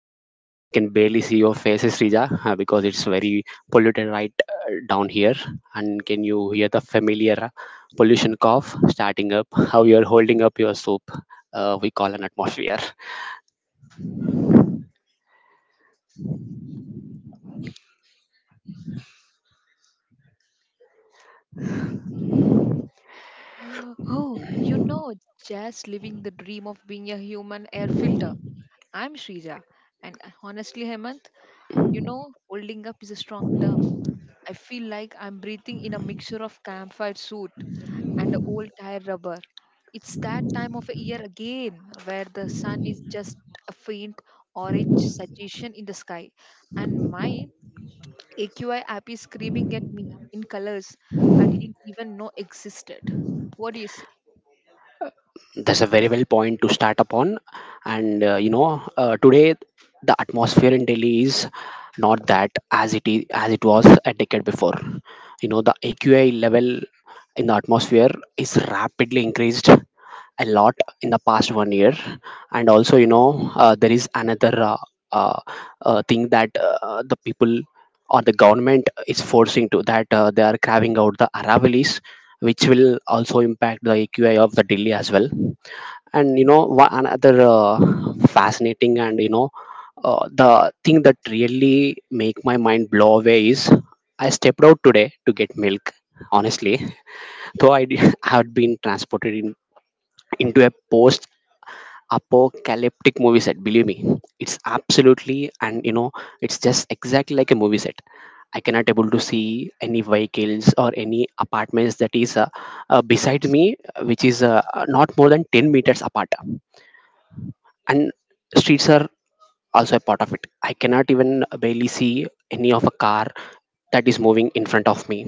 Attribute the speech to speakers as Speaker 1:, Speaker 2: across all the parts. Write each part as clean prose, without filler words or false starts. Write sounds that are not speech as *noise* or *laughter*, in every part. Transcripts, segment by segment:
Speaker 1: *laughs* I can barely see your faces, Srija, because it's very polluted right down here. And can you hear the familiar pollution cough starting up? How you're holding up your soup? We call an atmosphere.
Speaker 2: Oh, you know, just living the dream of being a human air filter. I'm Shrija. And honestly, Hemant, you know, holding up is a strong term. I feel like I'm breathing in a mixture of campfire soot and old tire rubber. It's that time of year again where the sun is just a faint orange suggestion in the sky, and my AQI app is screaming at me in colors I didn't even know existed. What do you say?
Speaker 1: That's a very well point to start upon. And today the atmosphere in Delhi is not that as it is as it was a decade before. You know, the AQI level in the atmosphere is rapidly increased a lot in the past one year. And also, you know, there is another uh, thing that the people or the government is forcing to, that they are carving out the Aravallis, which will also impact the AQI of the Delhi as well. And you know, one another fascinating and the thing that really make my mind blow away is I stepped out today to get milk. Honestly, though *laughs* had been transported in, into a post apocalyptic movie set, believe me. It's absolutely, and you know, it's just exactly like a movie set. I cannot able to see any vehicles or any apartments that is besides
Speaker 2: Yes,
Speaker 1: me, which is not more than 10 meters apart. And streets are also a part of it. I cannot even barely see any of a car that is moving in front of me,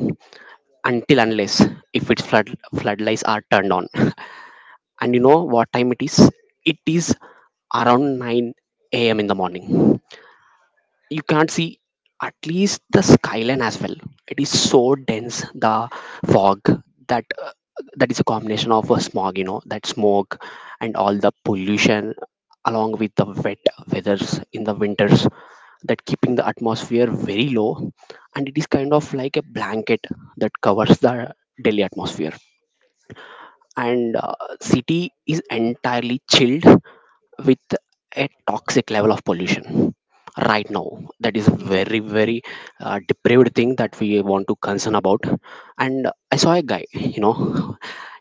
Speaker 1: until unless if its floodlights are turned on. And you know what time it is? It is around 9 a.m in the morning. You can't see at least the skyline as well. It is so dense, the fog, that that is a combination of a smog, you know, that smoke and all the pollution along with the wet weathers in the winters that keeping the atmosphere very low. And it is kind of like a blanket that covers the Delhi atmosphere. And city is entirely chilled with a toxic level of pollution right now. That is a
Speaker 2: yes.
Speaker 1: very very depraved thing that we want to concern about. And I saw a guy, you know,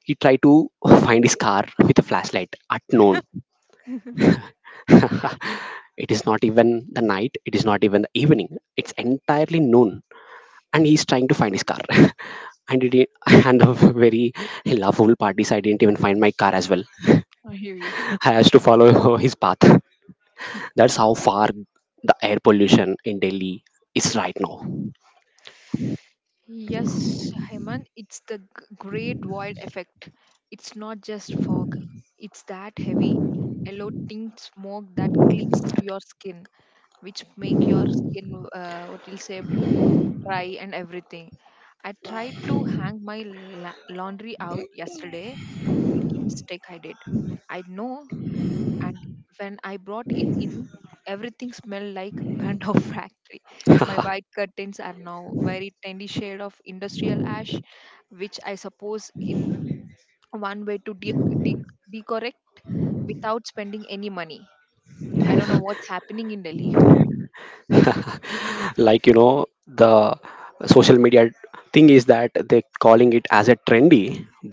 Speaker 1: he tried to find his car with a flashlight at noon. *laughs* It is not even the night, it is not even the evening, it's entirely noon, and he's trying to find his car. *laughs* And a very laughable part is I didn't even find my car as well.
Speaker 2: I hear you.
Speaker 1: *laughs* I has to follow *laughs* his path. That's how far the air pollution in Delhi is right now.
Speaker 2: Yes, Hemant, it's the great void effect. It's not just fog, it's that heavy, yellow tint smoke that clings to your skin, which make your skin, what you'll say, dry and everything. I tried to hang my laundry out yesterday. Rookie mistake I did. I know, and when I brought it in, everything smelled like *laughs* burnt off factory. My white curtains are now very tiny shade of industrial ash, which I suppose in one way to de- decorrect without spending any money. I don't know what's happening in Delhi.
Speaker 1: Like, you know, the social media thing is that they calling it as a trendy,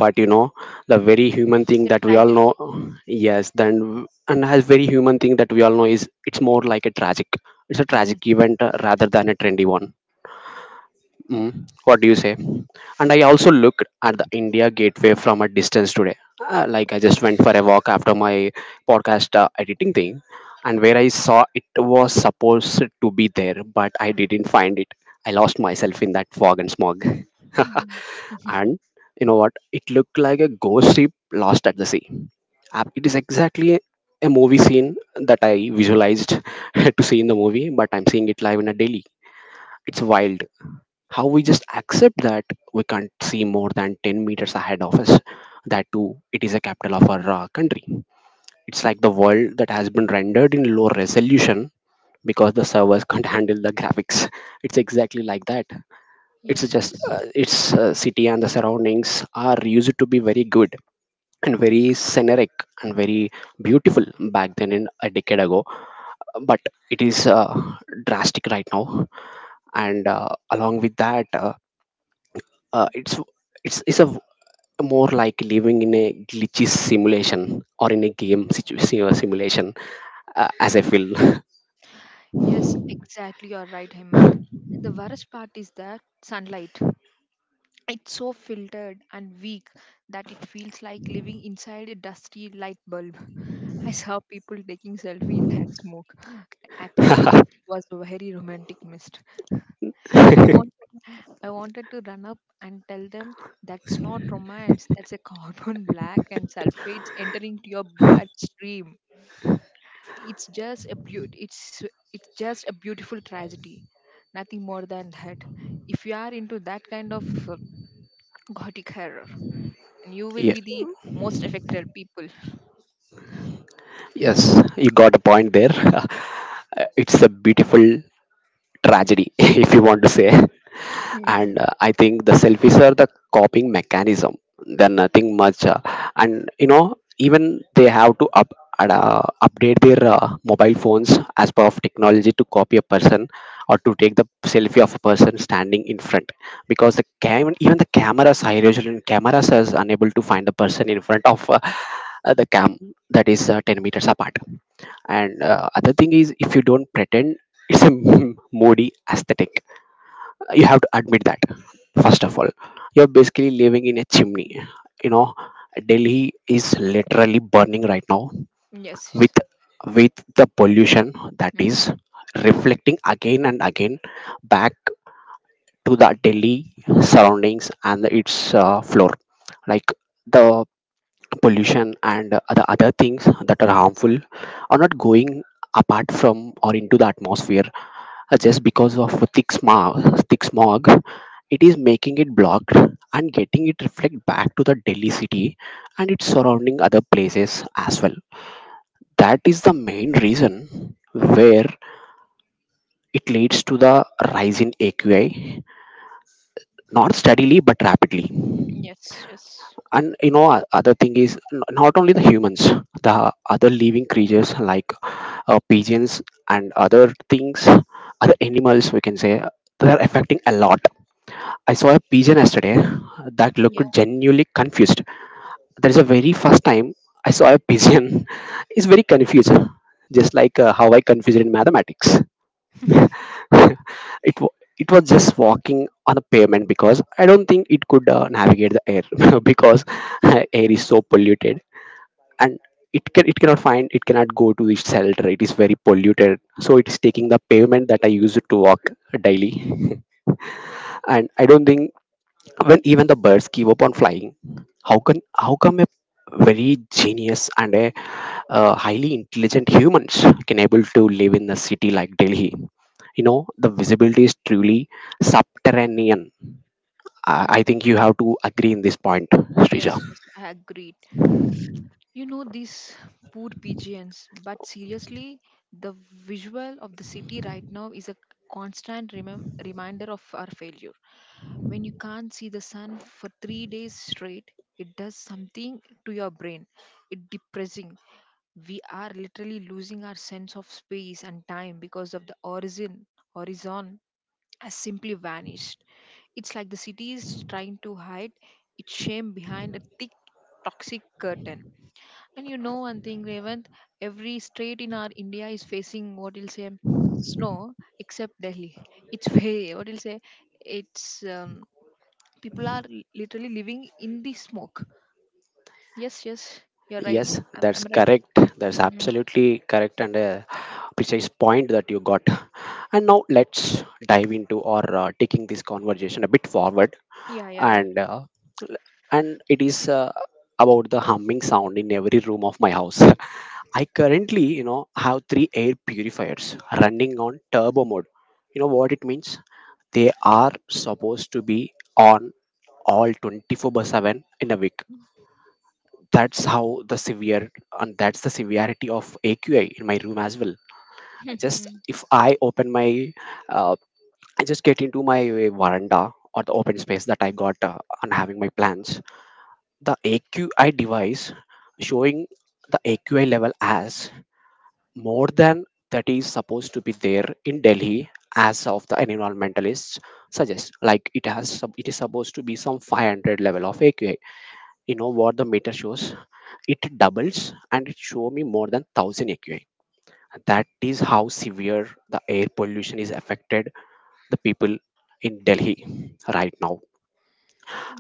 Speaker 1: but you know, the very human
Speaker 2: It's
Speaker 1: thing
Speaker 2: a
Speaker 1: that we all
Speaker 2: tragedy.
Speaker 1: know. Yes, then, and as very human thing that we all know is it's more like a tragic, it's a
Speaker 2: Mm.
Speaker 1: tragic event, rather than a trendy one. Mm, what do you say? And I also looked at the India Gateway from a distance today. Like, I just went for a walk after my podcast editing thing, and where I saw it was supposed to be there, but I didn't find it. I lost myself in that fog and smog.
Speaker 2: Mhm.
Speaker 1: *laughs* And you know what? It looked like a ghost ship lost at the sea. It is exactly a movie scene that I visualized *laughs* to see in the movie, but I'm seeing it live in a daily. It's wild how we just accept that we can't see more than 10 meters ahead of us, that too it is a capital of our country. It's like the world that has been rendered in low resolution because the servers *laughs* can't handle the graphics. It's exactly like that. It's
Speaker 2: Yes,
Speaker 1: just
Speaker 2: yes.
Speaker 1: its city and the surroundings are used to be very good and very scenic and very beautiful back then in a decade ago. But it is drastic right now. And along with that uh, it's it's a more like living in a glitchy simulation or in a game simulation, as I feel.
Speaker 2: Yes, exactly. You're right, Hemant. And the worst part is that sunlight. It's so filtered and weak that it feels like living inside a dusty light bulb. *laughs* I saw people taking selfie in that smoke, acting like it was a very romantic mist. *laughs* I
Speaker 1: *laughs*
Speaker 2: wanted, I wanted to run up and tell them that's not romance. That's a carbon *laughs* black and sulfates entering to your bloodstream. It's just a beaut. It's just a beautiful tragedy. Nothing more than that. If you are into that kind of uh, gothic horror, and you will
Speaker 1: Yeah.
Speaker 2: be the most affected people.
Speaker 1: Yes, you got a point there. *laughs* It's a beautiful tragedy *laughs* if you want to say.
Speaker 2: Mhm.
Speaker 1: And I think the selfies are the coping mechanism. They're nothing much, and you know, even they have to update their mobile phones as per of technology to copy a person or to take the selfie of a person standing in front, because the cam, even the cameras, high resolution cameras is unable to find the person in front of the cam that is 10 meters apart. And other thing is, if you don't pretend, it's a *laughs* moody aesthetic. You have to admit that first of all. You're basically living in a chimney. You know, Delhi is literally burning right now
Speaker 2: Yes.
Speaker 1: with the pollution that
Speaker 2: Mm.
Speaker 1: is reflecting again and again back to the Delhi surroundings and its floor. Like, the pollution and the other things that are harmful are not going apart from or into the atmosphere just because of thick smog. It is making it blocked and getting it reflect back to the Delhi city and its surrounding other places as well. That is the main reason where it leads to the rise in AQI, not steadily but rapidly.
Speaker 2: Yes. Yes.
Speaker 1: And you know, other thing is, not only the humans, the other living creatures like pigeons and other things, other animals we can say, they're affecting a lot. I saw a pigeon yesterday that looked
Speaker 2: Yeah.
Speaker 1: genuinely confused. That is the very first time I saw a pigeon *laughs* is very confused, just like how I confused in mathematics. *laughs* it wa- it was just walking on a pavement because I don't think it could navigate the air *laughs* because air is so polluted. And it cannot find, it cannot go to its shelter, it is very polluted. So it is taking the pavement that I use to walk daily. *laughs* And I don't think, when even the birds give up on flying, how can, how come a very genius and a highly intelligent humans can able to live in a city like Delhi? You know, the visibility is truly subterranean. I
Speaker 2: Mm.
Speaker 1: think you have to agree in this point, Srija.
Speaker 2: Yes, yes, I agreed. You know these poor pigeons, but seriously, the visual of the city right now is a constant reminder of our failure. When you can't see the sun for 3 days straight, it does something to your brain. It depressing, we are literally losing our sense of space and time because of the horizon. Horizon has simply vanished. It's like the city is trying to hide its shame behind a thick toxic curtain. And you know one thing, Revant, every state in our India is facing, what you'll say, snow, except Delhi. It's *laughs* very, what you'll say, it's people are literally living in the smoke. Yes, yes, you're right.
Speaker 1: Yes, that's
Speaker 2: I right.
Speaker 1: correct. That's
Speaker 2: Mhm.
Speaker 1: absolutely correct and a precise point that you got. And now let's dive into, or taking this conversation a bit forward,
Speaker 2: Yeah, yeah.
Speaker 1: and uh, and it is about the humming sound in every room of my house. *laughs* I currently, you know, have three air purifiers running on turbo mode. You know what it means? They are supposed to be on all 24 by 7 in a week. That's how the severe, and that's the severity of AQI in my room as well.
Speaker 2: Yeah.
Speaker 1: Just
Speaker 2: *laughs*
Speaker 1: if I open my uh, I just get into my veranda or the open space that I got, and having my plans, the AQI device showing the AQI level as more than that is supposed to be there in Delhi. As of the environmentalists suggest, like it has, it is supposed to be some 500 level of AQI. You know what the meter shows? It doubles and it show me more than 1000 AQI. That is how severe the air pollution is affected the people in Delhi right now.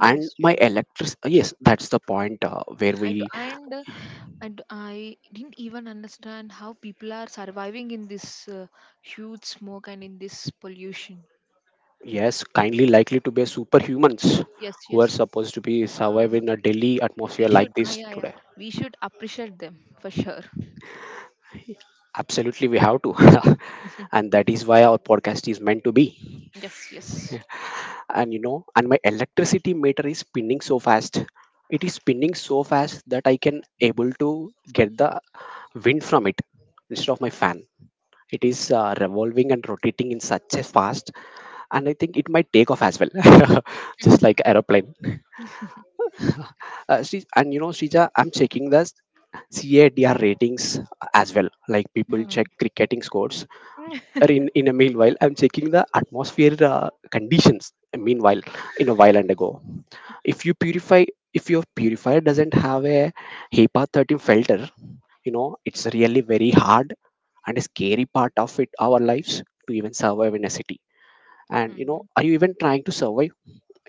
Speaker 1: And my
Speaker 2: you're right.
Speaker 1: electric Yes, that's the point, where
Speaker 2: I do,
Speaker 1: we,
Speaker 2: and I didn't even understand how people are surviving in this huge smoke and in this pollution.
Speaker 1: yes, kindly likely to be superhumans
Speaker 2: Yes,
Speaker 1: who are
Speaker 2: yes.
Speaker 1: supposed to be
Speaker 2: Uh,
Speaker 1: survive in a Delhi
Speaker 2: we
Speaker 1: atmosphere like
Speaker 2: should,
Speaker 1: this
Speaker 2: yeah, yeah.
Speaker 1: today.
Speaker 2: We should appreciate them for sure.
Speaker 1: Absolutely, we have to. *laughs*
Speaker 2: *laughs*
Speaker 1: And that is why our podcast is meant to be.
Speaker 2: Yes, yes.
Speaker 1: And you know, and my electricity meter is spinning so fast. It is spinning so fast that I can able to get the wind from it instead of my fan. It is revolving and rotating in such a fast, and I think it might take off as well. *laughs* Just like aeroplane. And you know, Shrija, I'm checking the CADR ratings as well, like people check
Speaker 2: Hmm.
Speaker 1: cricketing scores. Or
Speaker 2: *laughs*
Speaker 1: in a meanwhile, I'm checking the atmosphere conditions meanwhile in a while and ago. if you purify if your purifier doesn't have a HEPA 13 filter, you know, it's really very hard and a scary part of it our lives to even survive in a city. And you know,
Speaker 2: Mhm.
Speaker 1: are you even trying to survive?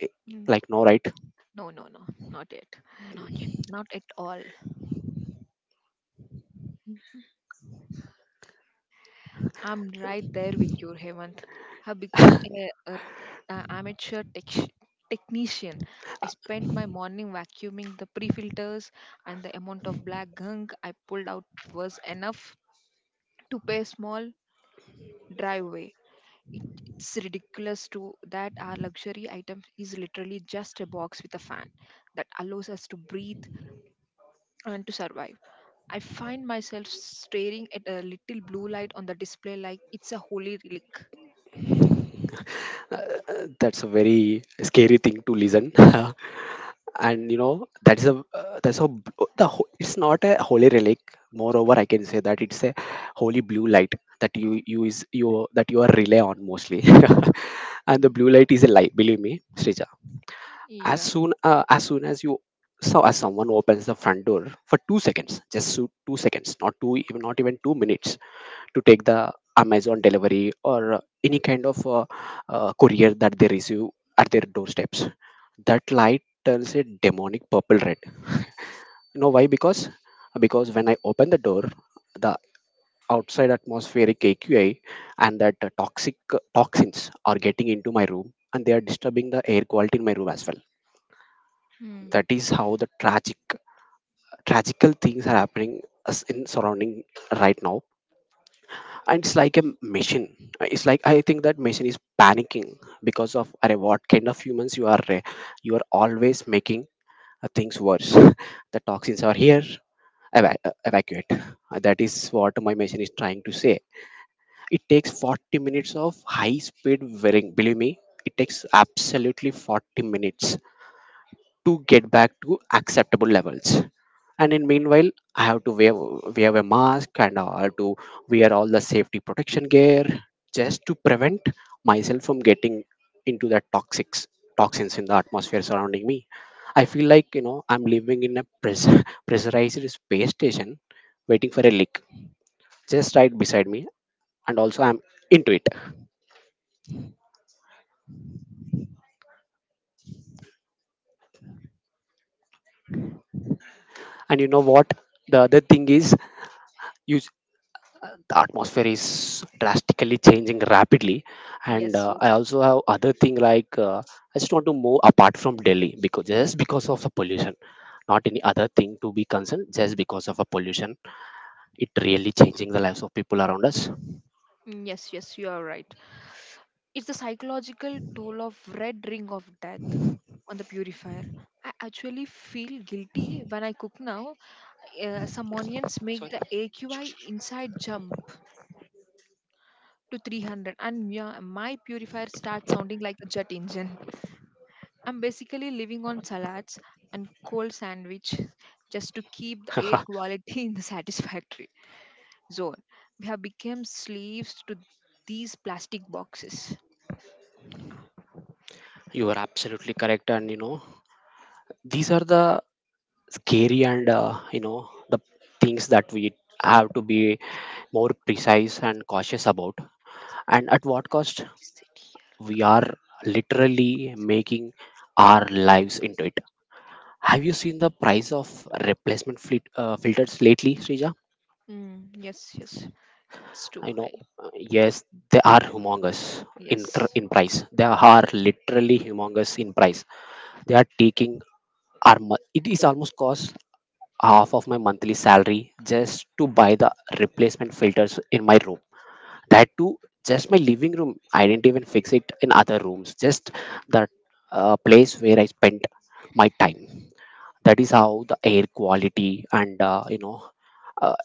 Speaker 1: Eh,
Speaker 2: Mm.
Speaker 1: like no, right?
Speaker 2: No, no, no. Not yet. Not yet. Not at all. I'm right there with you, Hemant. I've become a amateur technician. I spent my morning vacuuming the pre-filters, and the amount of black gunk I pulled out was enough to pay a small driveway. It's ridiculous to that our luxury item is literally just a box with a fan that allows us to breathe and to survive. I find myself staring at a little blue light on the display like it's a holy relic.
Speaker 1: Uh, that's a very scary thing to listen. *laughs* And you know that is a that's a b- the ho- it's not a holy relic. Moreover, I can say that it's a holy blue light that you use is you that you are rely on mostly. *laughs* And the
Speaker 2: Mm.
Speaker 1: blue light is a light, believe me, Srija. As
Speaker 2: Yeah.
Speaker 1: soon as soon as you so as someone opens the front door for 2 seconds, just so 2 seconds, not two, even not even 2 minutes, to take the Amazon delivery or any kind of courier that they receive at their doorsteps. That light turns a demonic purple red. You know why? Because when I open the door, the outside atmospheric AQI and that toxic toxins are getting into my room and they are disturbing the air quality in my room as well.
Speaker 2: Hmm.
Speaker 1: That is how the tragical things are happening as in surrounding right now. And it's like a machine. It's like I think that machine is panicking because of, "Arey, what kind of humans you are, you are always making things worse." *laughs* The toxins are here, evacuate. That is what my machine is trying to say. It takes 40 minutes of high speed wearing, believe me, it takes absolutely 40 minutes to get back to acceptable levels. And in meanwhile, I have to wear a mask and I have to wear all the safety protection gear just to prevent myself from getting into the toxics toxins in the atmosphere surrounding me. I feel like, you know, I'm living in a pressur- *laughs* pressurized space station waiting for a leak just right beside me, and also I'm into it. And you know what, the other thing is, you the atmosphere is drastically changing rapidly. And
Speaker 2: Yes,
Speaker 1: I
Speaker 2: yes.
Speaker 1: also have other thing like, I just want to move apart from Delhi, because just because of the pollution. Not any other thing to be concerned, just because of a pollution. It really changing the lives of people around us.
Speaker 2: Mm, yes, yes, you are right. It's the psychological toll of red ring of death on the purifier. I actually feel guilty when I cook now. Some onions make the AQI inside jump to 300, and my purifier starts sounding like a jet engine. I'm basically living on salads and cold sandwich just to keep the air quality *laughs* in the satisfactory zone. We have become slaves to these plastic boxes.
Speaker 1: You are absolutely correct, and you know these are the scary and, you know, the things that we have to be more precise and cautious about, and at what cost.
Speaker 2: Is it here?
Speaker 1: We are literally making our lives into it. Have you seen the price of replacement fleet, filters lately, Srija?
Speaker 2: Mm, yes, yes, it's too
Speaker 1: I know.
Speaker 2: high.
Speaker 1: Yes, they are humongous
Speaker 2: Yes,
Speaker 1: in price. They are
Speaker 2: yes,
Speaker 1: literally humongous in price. They are taking our mo- It is almost cost half of my monthly salary just to buy the replacement filters in my room. That too just my living room, I didn't even fix it in other rooms, just that place where I spent my time. That is how the air quality and, you know, uh,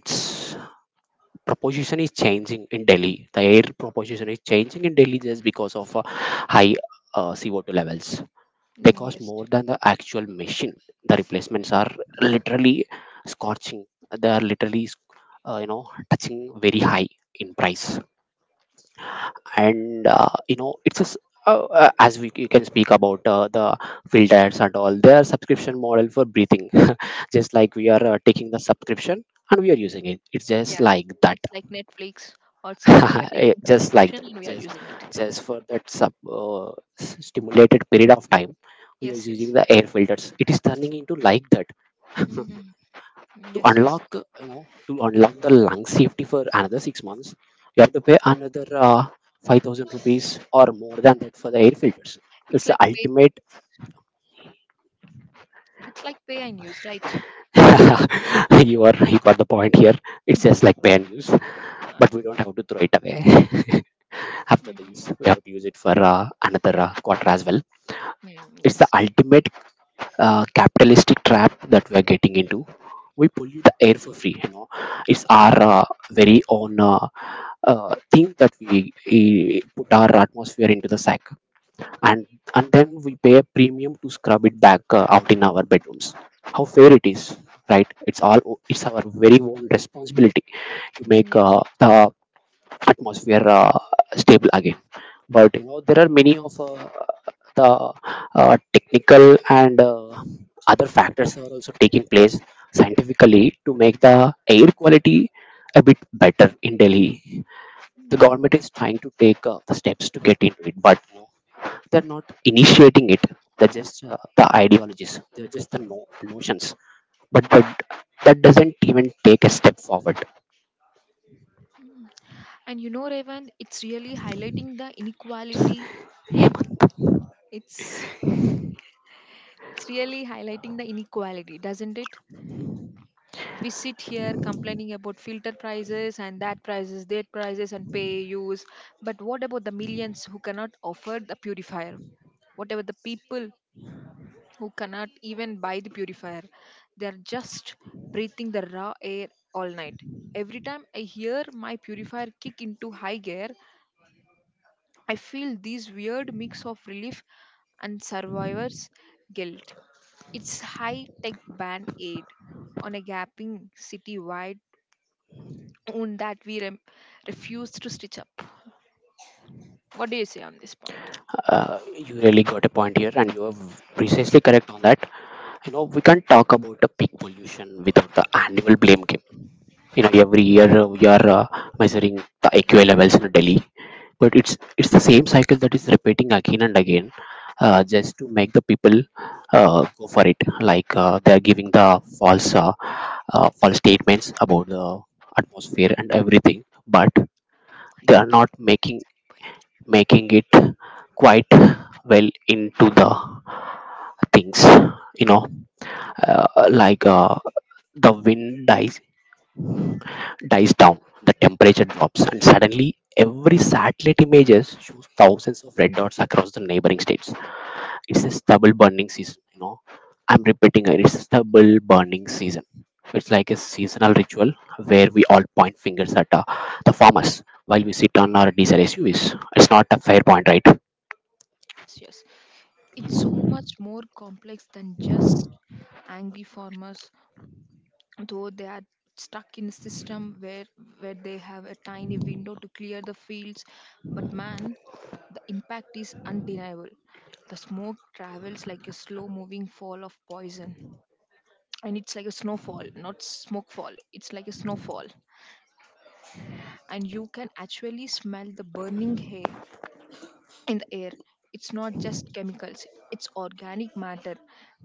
Speaker 1: its proposition is changing in Delhi. The air proposition is changing in Delhi just because of high CO2 levels. They
Speaker 2: mm,
Speaker 1: cost
Speaker 2: yes.
Speaker 1: more than the actual machine. The replacements are literally scorching. They are literally, you know, touching very high in price. And, you know, it's just, as can speak about, the field ads and all their subscription model for breathing. *laughs* Just like we are, taking the subscription and we are using it, it's just
Speaker 2: Yeah,
Speaker 1: like that.
Speaker 2: it's like Netflix, Hotstar. We are
Speaker 1: *laughs* Eh,
Speaker 2: taking
Speaker 1: just like
Speaker 2: subscription
Speaker 1: that,
Speaker 2: and we are
Speaker 1: just
Speaker 2: using it.
Speaker 1: just for that stimulated period of time we are
Speaker 2: Yes,
Speaker 1: using
Speaker 2: yes,
Speaker 1: the air filters. It is turning into like that. *laughs*
Speaker 2: mm, mm,
Speaker 1: To
Speaker 2: yes, yes.
Speaker 1: unlock, you know, to unlock the lung safety for another 6 months, you have to pay another 5,000 rupees or more than that for the air filters. It's
Speaker 2: It's
Speaker 1: the
Speaker 2: like pay.
Speaker 1: ultimate.
Speaker 2: It's like pay and use, right?
Speaker 1: *laughs* You, are you got the point here. It's just like pay and use.
Speaker 2: Uh,
Speaker 1: But we don't have to throw it away. *laughs* After
Speaker 2: mm,
Speaker 1: this, we have to use it for another quarter as well.
Speaker 2: mm,
Speaker 1: It's the
Speaker 2: yes,
Speaker 1: ultimate capitalistic trap that we are getting into. We pollute the air for free, you know. It's our, very own, things that we, put our atmosphere into the sack. And and then we pay a premium to scrub it back out in our bedrooms. How fair it is, right? It's all, it's our very own responsibility to
Speaker 2: mm,
Speaker 1: make,
Speaker 2: yes, yes.
Speaker 1: the atmosphere, stable again. But you know, there are many of, the, technical and, other factors are also taking place scientifically to make the air quality a bit better in Delhi. The
Speaker 2: Mm.
Speaker 1: government is trying to take, the steps to get into it, but no, they're not initiating it. They're
Speaker 2: Mm.
Speaker 1: just, the ideologies. They're just the notions. But that doesn't even take a step forward.
Speaker 2: Mm. And you know, Revan, it's really highlighting the inequality. It's *laughs* It's really highlighting the inequality, doesn't it? We sit here complaining about filter prices and that prices, and pay use. But what about the millions who cannot afford the purifier? What about the people who cannot even buy the purifier? They're just breathing the raw air all night. Every time I hear my purifier kick into high gear, I feel this weird mix of relief and survivor's guilt. Its high tech band aid on a gaping city wide wound that we refuse to stitch up. What do you say on this point?
Speaker 1: You really got a point here, and you are precisely correct on that. You know, we can't talk about the peak pollution without the annual blame game. You know, every year, we are measuring the AQI levels in Delhi, but it's the same cycle that is repeating again and again, just to make the people, go for it. Like, they are giving the false, false statements about the atmosphere and everything, but they are not making it quite well into the things, you know, uh, like uh, the wind dies dies down, the temperature drops, and suddenly every satellite images shows thousands of red dots across the neighboring states. It's a stubble burning season, you know. I'm repeating it, it's a stubble burning season. It's like a seasonal ritual where we all point fingers at, the farmers while we sit on our diesel SUVs. It's not a fair point, right?
Speaker 2: Yes, yes. It's so much more complex than just angry farmers, though they are stuck in a system where they have a tiny window to clear the fields. But man, the impact is undeniable. The smoke travels like a slow moving fall of poison, and it's like a snowfall, not smoke fall, it's like a snowfall. And you can actually smell the burning hay in the air. It's not just chemicals, it's organic matter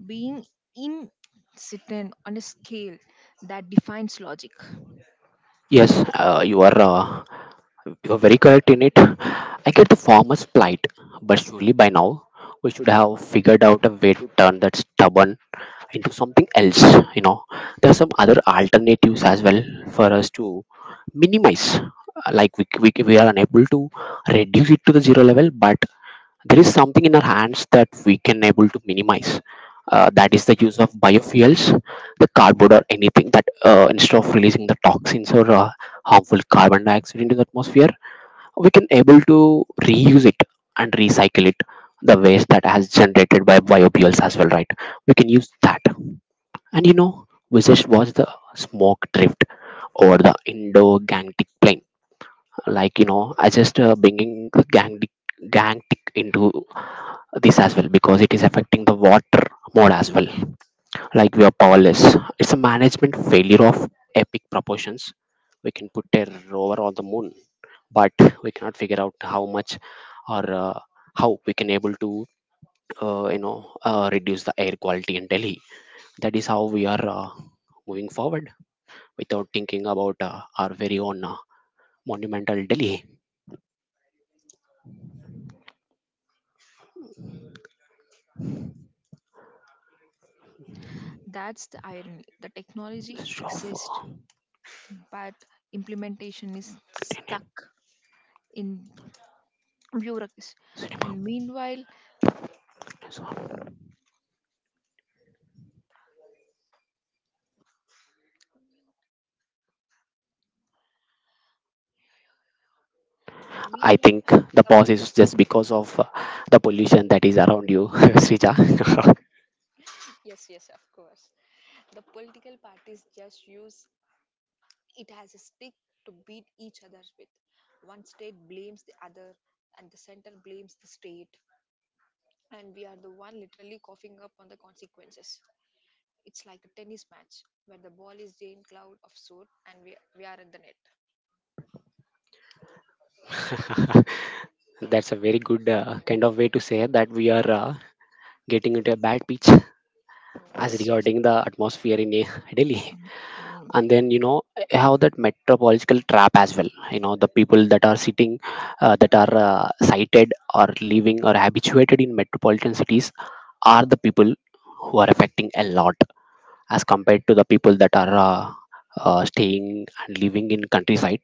Speaker 2: being incident on a scale that defines logic.
Speaker 1: Yes, you are, you are very correct in it. I get the farmer's plight, but surely by now we should have figured out a way to turn that stubborn into something else, you know. There are some other alternatives as well for us to minimize. We are unable to reduce it to the zero level, but there is something in our hands that we can able to minimize, that is the use of biofuels, the cardboard or anything. That, instead of releasing the toxins or, harmful carbon dioxide into the atmosphere, we can able to reuse it and recycle it, the waste that has generated by biofuels as well, right? We can use that. And you know, we just watched the smoke drift over the Indo Gangetic plain. Like, you know, I just, bringing the Gangetic into this as well, because it is affecting the water more as well. Like, we are powerless. It's a management failure of epic proportions. We can put a rover on the moon, but we cannot figure out how much, or, how we can able to, reduce the air quality in Delhi. That is how we are, moving forward, without thinking about, our very own, monumental Delhi.
Speaker 2: That's the irony, the technology
Speaker 1: Show of,
Speaker 2: exists but implementation is
Speaker 1: Indian
Speaker 2: stuck in bureaucracy.
Speaker 1: cinema.
Speaker 2: and meanwhile
Speaker 1: So,
Speaker 2: and
Speaker 1: I
Speaker 2: meanwhile
Speaker 1: think the
Speaker 2: the
Speaker 1: pause is
Speaker 2: political—
Speaker 1: just because of, the pollution that is around you, *laughs* Srija. *laughs*
Speaker 2: yes, yes, of course, the political parties just use it as a stick to beat each other with. One state blames the other, and the center blames the state, and we are the one literally coughing up on the consequences. It's like a tennis match where the ball is in cloud of soot and we are at the net.
Speaker 1: That's a very good, kind of way to say that we are, getting into a bad pitch
Speaker 2: Mm,
Speaker 1: as
Speaker 2: yes, yes.
Speaker 1: regarding the atmosphere in, Delhi.
Speaker 2: Mm. Mm.
Speaker 1: And then you know, I have that metropolitical trap as well. You know, the people that are sitting, that are, sighted or living or habituated in metropolitan cities are the people who are affecting a lot as compared to the people that are, staying and living in countryside.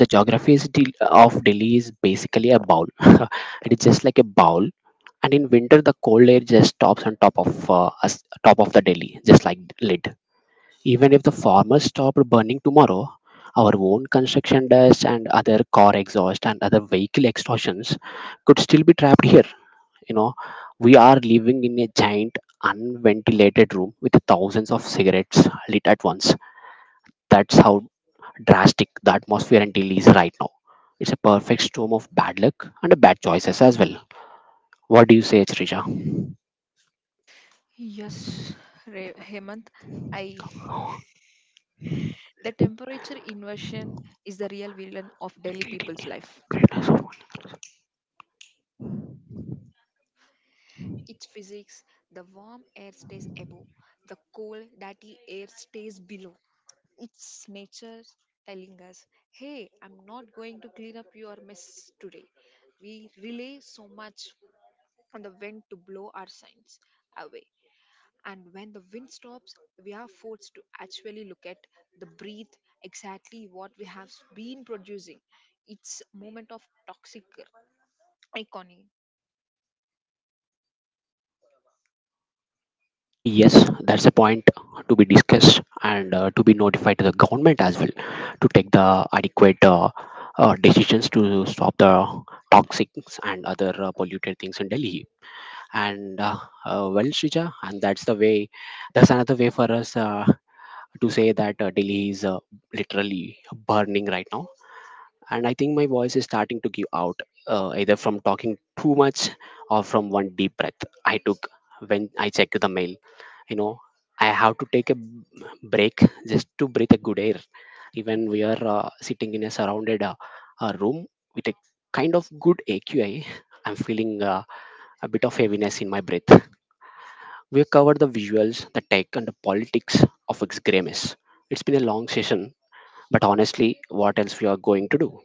Speaker 1: The geography of Delhi is basically a bowl. *laughs* It is just like a bowl, and in winter the cold air just stops on top of, us, top of the Delhi, just like lid. Even if the farmers stopped burning tomorrow, our own construction dust and other car exhaust and other vehicle extortions could still be trapped here. You know, we are living in a giant unventilated room with thousands of cigarettes lit at once. That's how drastic the atmosphere in Delhi is right now. It's a perfect storm of bad luck and bad choices as well. What do you say, Srija?
Speaker 2: Yes, Hemant, I
Speaker 1: Oh,
Speaker 2: *laughs* the temperature inversion is the real villain of Delhi
Speaker 1: great
Speaker 2: people's
Speaker 1: India.
Speaker 2: life.
Speaker 1: Greatness.
Speaker 2: It's physics. The warm air stays above, the cold, dirty air stays below. It's nature telling us, hey, I'm not going to clean up your mess today. We rely so much on the wind to blow our signs away. And when the wind stops, we are forced to actually look at the breath, exactly what we have been producing. It's a moment of toxic iconic—
Speaker 1: Yes, that's a point to be discussed and, to be notified to the government as well, to take the adequate, decisions to stop the toxics and other, polluted things in Delhi. And, well, Shrija, and that's the way, that's another way for us, to say that, Delhi is, literally burning right now. And I think my voice is starting to give out, either from talking too much, or from 1 deep breath I took when I checked the mail. You know, I have to take a break just to breathe a good air. Even we are, sitting in a surrounded, room with a kind of good AQI, I'm feeling, a bit of heaviness in my breath. We have covered the visuals, the tech and the politics of x Grey Mess. It's been a long session, but honestly, what else we are going to do?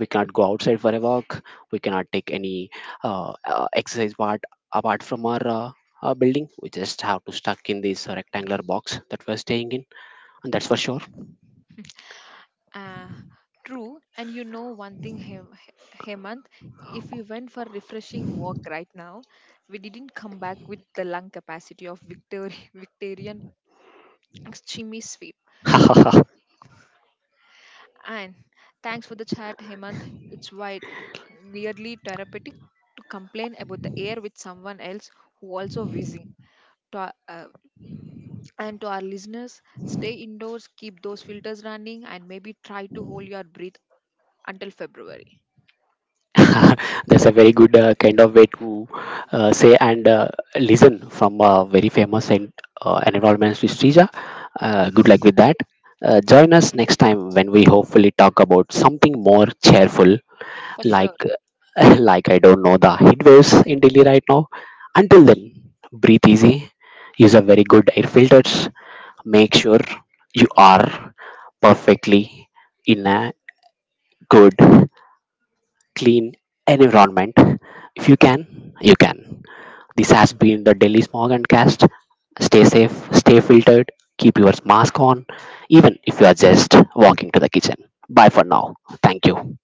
Speaker 1: We cannot go outside for a walk. We cannot take any, exercise part apart from our building. We just have to stuck in this rectangular box that we're staying in, and that's for sure.
Speaker 2: Uh, true. And you know one thing, Hemant, if we went for refreshing walk right now, we didn't come back with the lung capacity of *laughs* Victorian extreme sweep.
Speaker 1: *laughs*
Speaker 2: And thanks for the chat, Hemant. It's wide, weirdly therapeutic to complain about the air with someone else who also whizzing. To our, and to our listeners, stay indoors, keep those filters running, and maybe try to hold your breath until February.
Speaker 1: That's a very good, kind of way to, say and, listen from a very famous and, environmentalist Srija. Good luck with that. Join us next time when we hopefully talk about something more cheerful,
Speaker 2: For
Speaker 1: like,
Speaker 2: sure.
Speaker 1: *laughs* like I don't know, the heat waves in Delhi right now. Until then, breathe easy, use a very good air filters, make sure you are perfectly in a good, clean environment. If you can, you can. This has been the Delhi Smog and Cast. Stay safe, stay filtered, keep your mask on, even if you are just walking to the kitchen. Bye for now. Thank you.